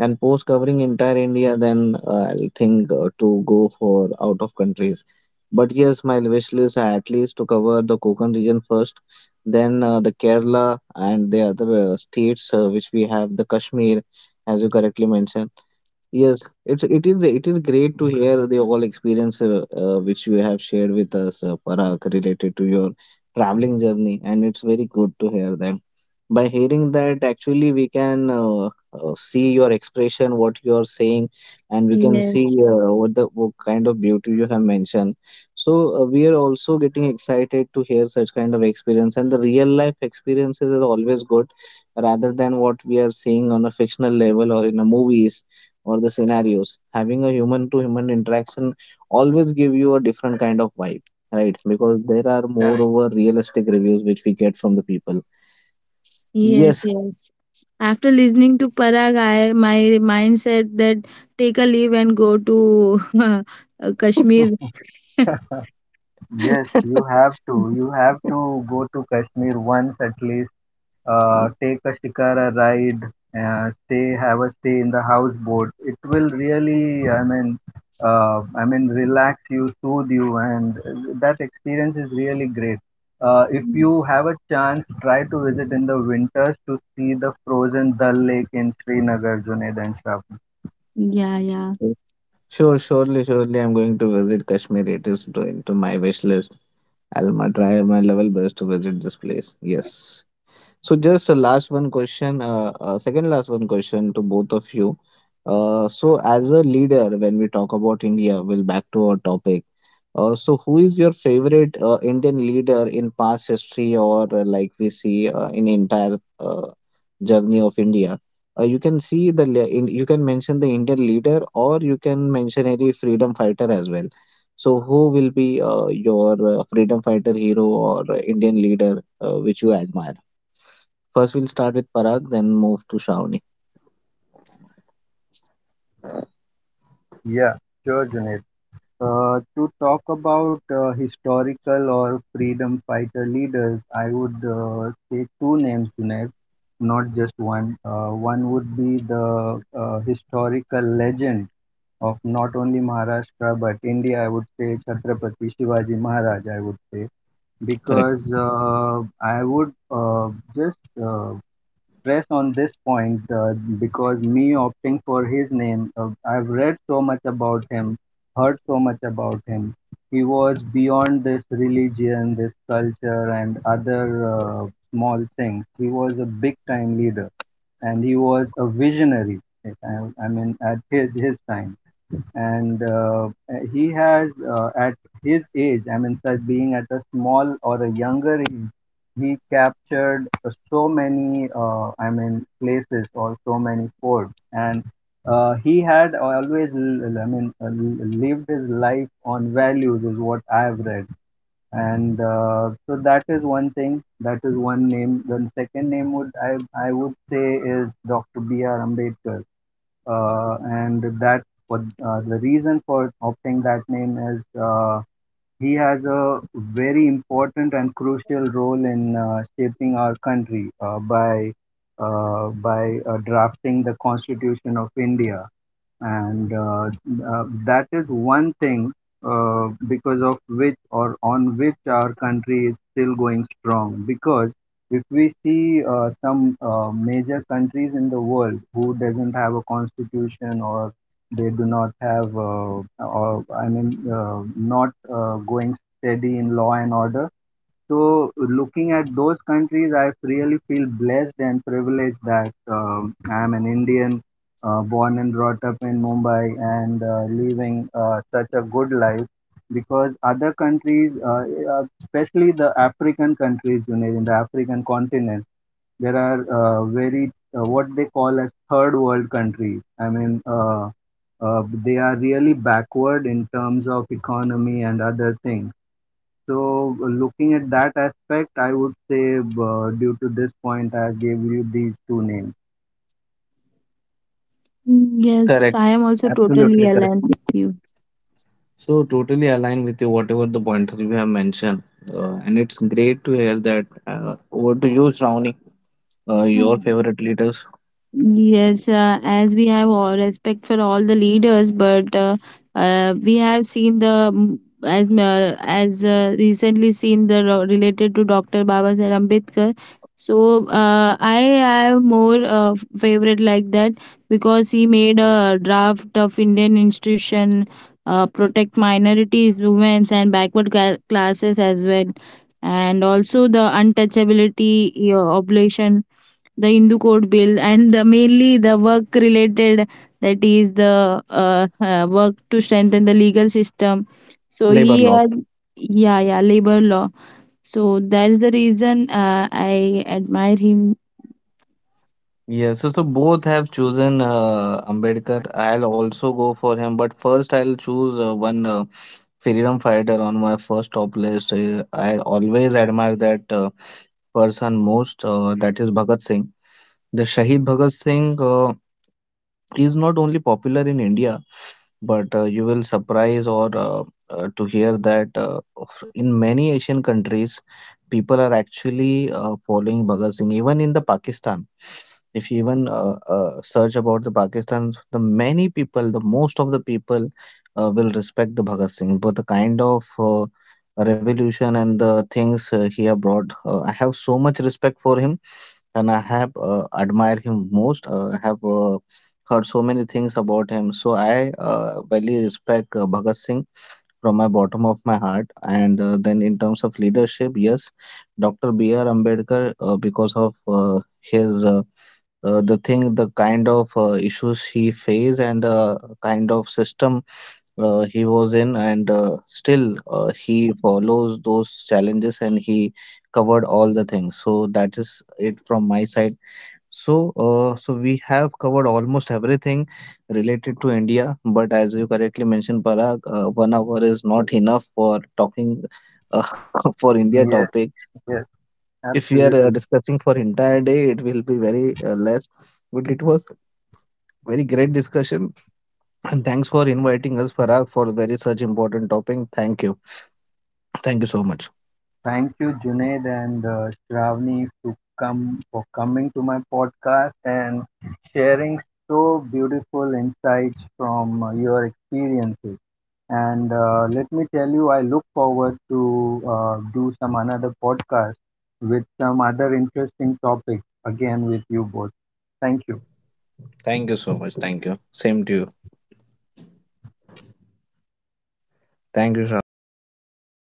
B: and post covering entire India. Then I'll think to go for out of countries. But yes, my wish list are at least to cover the Konkan region first, then the Kerala and the other states which we have the Kashmir, as you correctly mentioned. Yes, it is great to hear the all experience which you have shared with us, Parag, related to your traveling journey, and it's very good to hear that. By hearing that, actually, we can see your expression, what you are saying, and we can see
C: Yes,
B: what the what kind of beauty you have mentioned. So we are also getting excited to hear such kind of experience, and the real life experiences are always good, rather than what we are seeing on a fictional level or in a movies or the scenarios having a human to human interaction always give you a different kind of vibe, right? Because there are
A: Correct.
B: moreover realistic reviews which we get from the people.
C: yes,
B: Yes.
C: yes. After listening to Parag, I my mind said that take a leave and go to Kashmir.
A: Yes, you have to. You have to go to Kashmir once at least, take a shikara ride, stay have a stay in the houseboat. It will really, I mean, relax you, soothe you, and that experience is really great. If
C: Mm.
A: you have a chance, try to visit in the winters to see the frozen Dal Lake in Srinagar, Junaid and Shravan.
C: Yeah, yeah.
B: Sure, surely I'm going to visit Kashmir. It is into my wish list. I'll try my level best to visit this place. Yes. So just a last one question, second last one question to both of you. So as a leader, when we talk about India, will back to our topic. So who is your favorite Indian leader in past history or like we see in entire journey of India? You can see the you can mention the Indian leader or you can mention any freedom fighter as well. So who will be your freedom fighter hero or Indian leader which you admire? First, we'll start with Parag, then move to Shravani.
A: Yeah, sure, Junaid. To talk about historical or freedom fighter leaders, I would say two names, Junaid, not just one. One would be the, historical legend of not only Maharashtra but India, I would say, Chhatrapati Shivaji Maharaj, I would say,
B: Correct.
A: because I would, just, press on this point, because me opting for his name, I've read so much about him, heard so much about him. He was beyond this religion, this culture, and other uh, small things. He was a big time leader and he was a visionary. I, I mean, at his time, and he has, at his age, I mean, such being at a small or a younger age, he captured, so many, I mean, places or so many forts, and he had always, I mean, lived his life on values, is what I have read. And so that is one thing, that is one name. The second name would, I would say, is Dr. B. R. Ambedkar. And that, what, the reason for opting that name is, he has a very important and crucial role in shaping our country by drafting the Constitution of India, and that is one thing, because of which or on which our country is still going strong, because if we see some major countries in the world who doesn't have a constitution, or they do not have, or I mean not, going steady in law and order, so looking at those countries, I really feel blessed and privileged that, I'm an Indian, born and brought up in Mumbai, and living such a good life. Because other countries, especially the African countries, you know, in the African continent, there are very, what they call as third world countries. I mean, they are really backward in terms of economy and other things, so, looking at that aspect, I would say, due to this point, I gave you these two names.
C: Mm, yes,
B: Correct.
C: I am also
B: Absolutely
C: totally
B: correct.
C: aligned with you.
B: So totally aligned with you whatever the pointer you have mentioned, and it's great to hear that. Over to you, Shravani. Your
C: Mm.
B: favorite leaders,
C: Yes, as we have all respect for all the leaders, but we have seen the as recently seen the related to Dr. Baba Sahib Ambedkar. So I have more favorite like that because he made a draft of Indian institution, protect minorities, women, and backward classes as well, and also the untouchability obligation, the Hindu code bill, and the, mainly the work related, that is the work to strengthen the legal system. So
B: labor
C: he
B: laws.
C: had yeah, yeah, labor law. So that's the reason I admire him.
B: Yes. So both have chosen Ambedkar. I'll also go for him, but first I'll choose one freedom fighter on my first top list. I always admire that person most. That is Bhagat Singh. The Shahid Bhagat Singh is not only popular in India, but you will surprise or to hear that in many Asian countries, people are actually following Bhagat Singh. Even in the Pakistan, if you even search about the Pakistan, the many people, the most of the people will respect the Bhagat Singh. But the kind of revolution and the things he have brought, I have so much respect for him and I have admire him most. Have heard so many things about him. So I really respect Bhagat Singh from my bottom of my heart. And then in terms of leadership, yes, Dr. B.R. Ambedkar because of his the thing, the kind of issues he faced and kind of system he was in, and still he follows those challenges and he covered all the things. So that is it from my side. So, we have covered almost everything related to India, but as you correctly mentioned, Parag, 1 hour is not enough for talking uh, for India topic.
A: Yes, yes,
B: If we are
A: absolutely.
B: discussing for entire day, it will be very less. But it was very great discussion, and thanks for inviting us, Parag, for very such important topic. Thank you. Thank you so much.
A: Thank you, Junaid and Shravani, to come for coming to my podcast, and sharing so beautiful insights from your experiences. And let me tell you, I look forward to do some another podcast with some other interesting topics again with you both. Thank you.
B: Thank you so much. Thank you. Same to you. Thank you, Shravani. Thank you, Parag.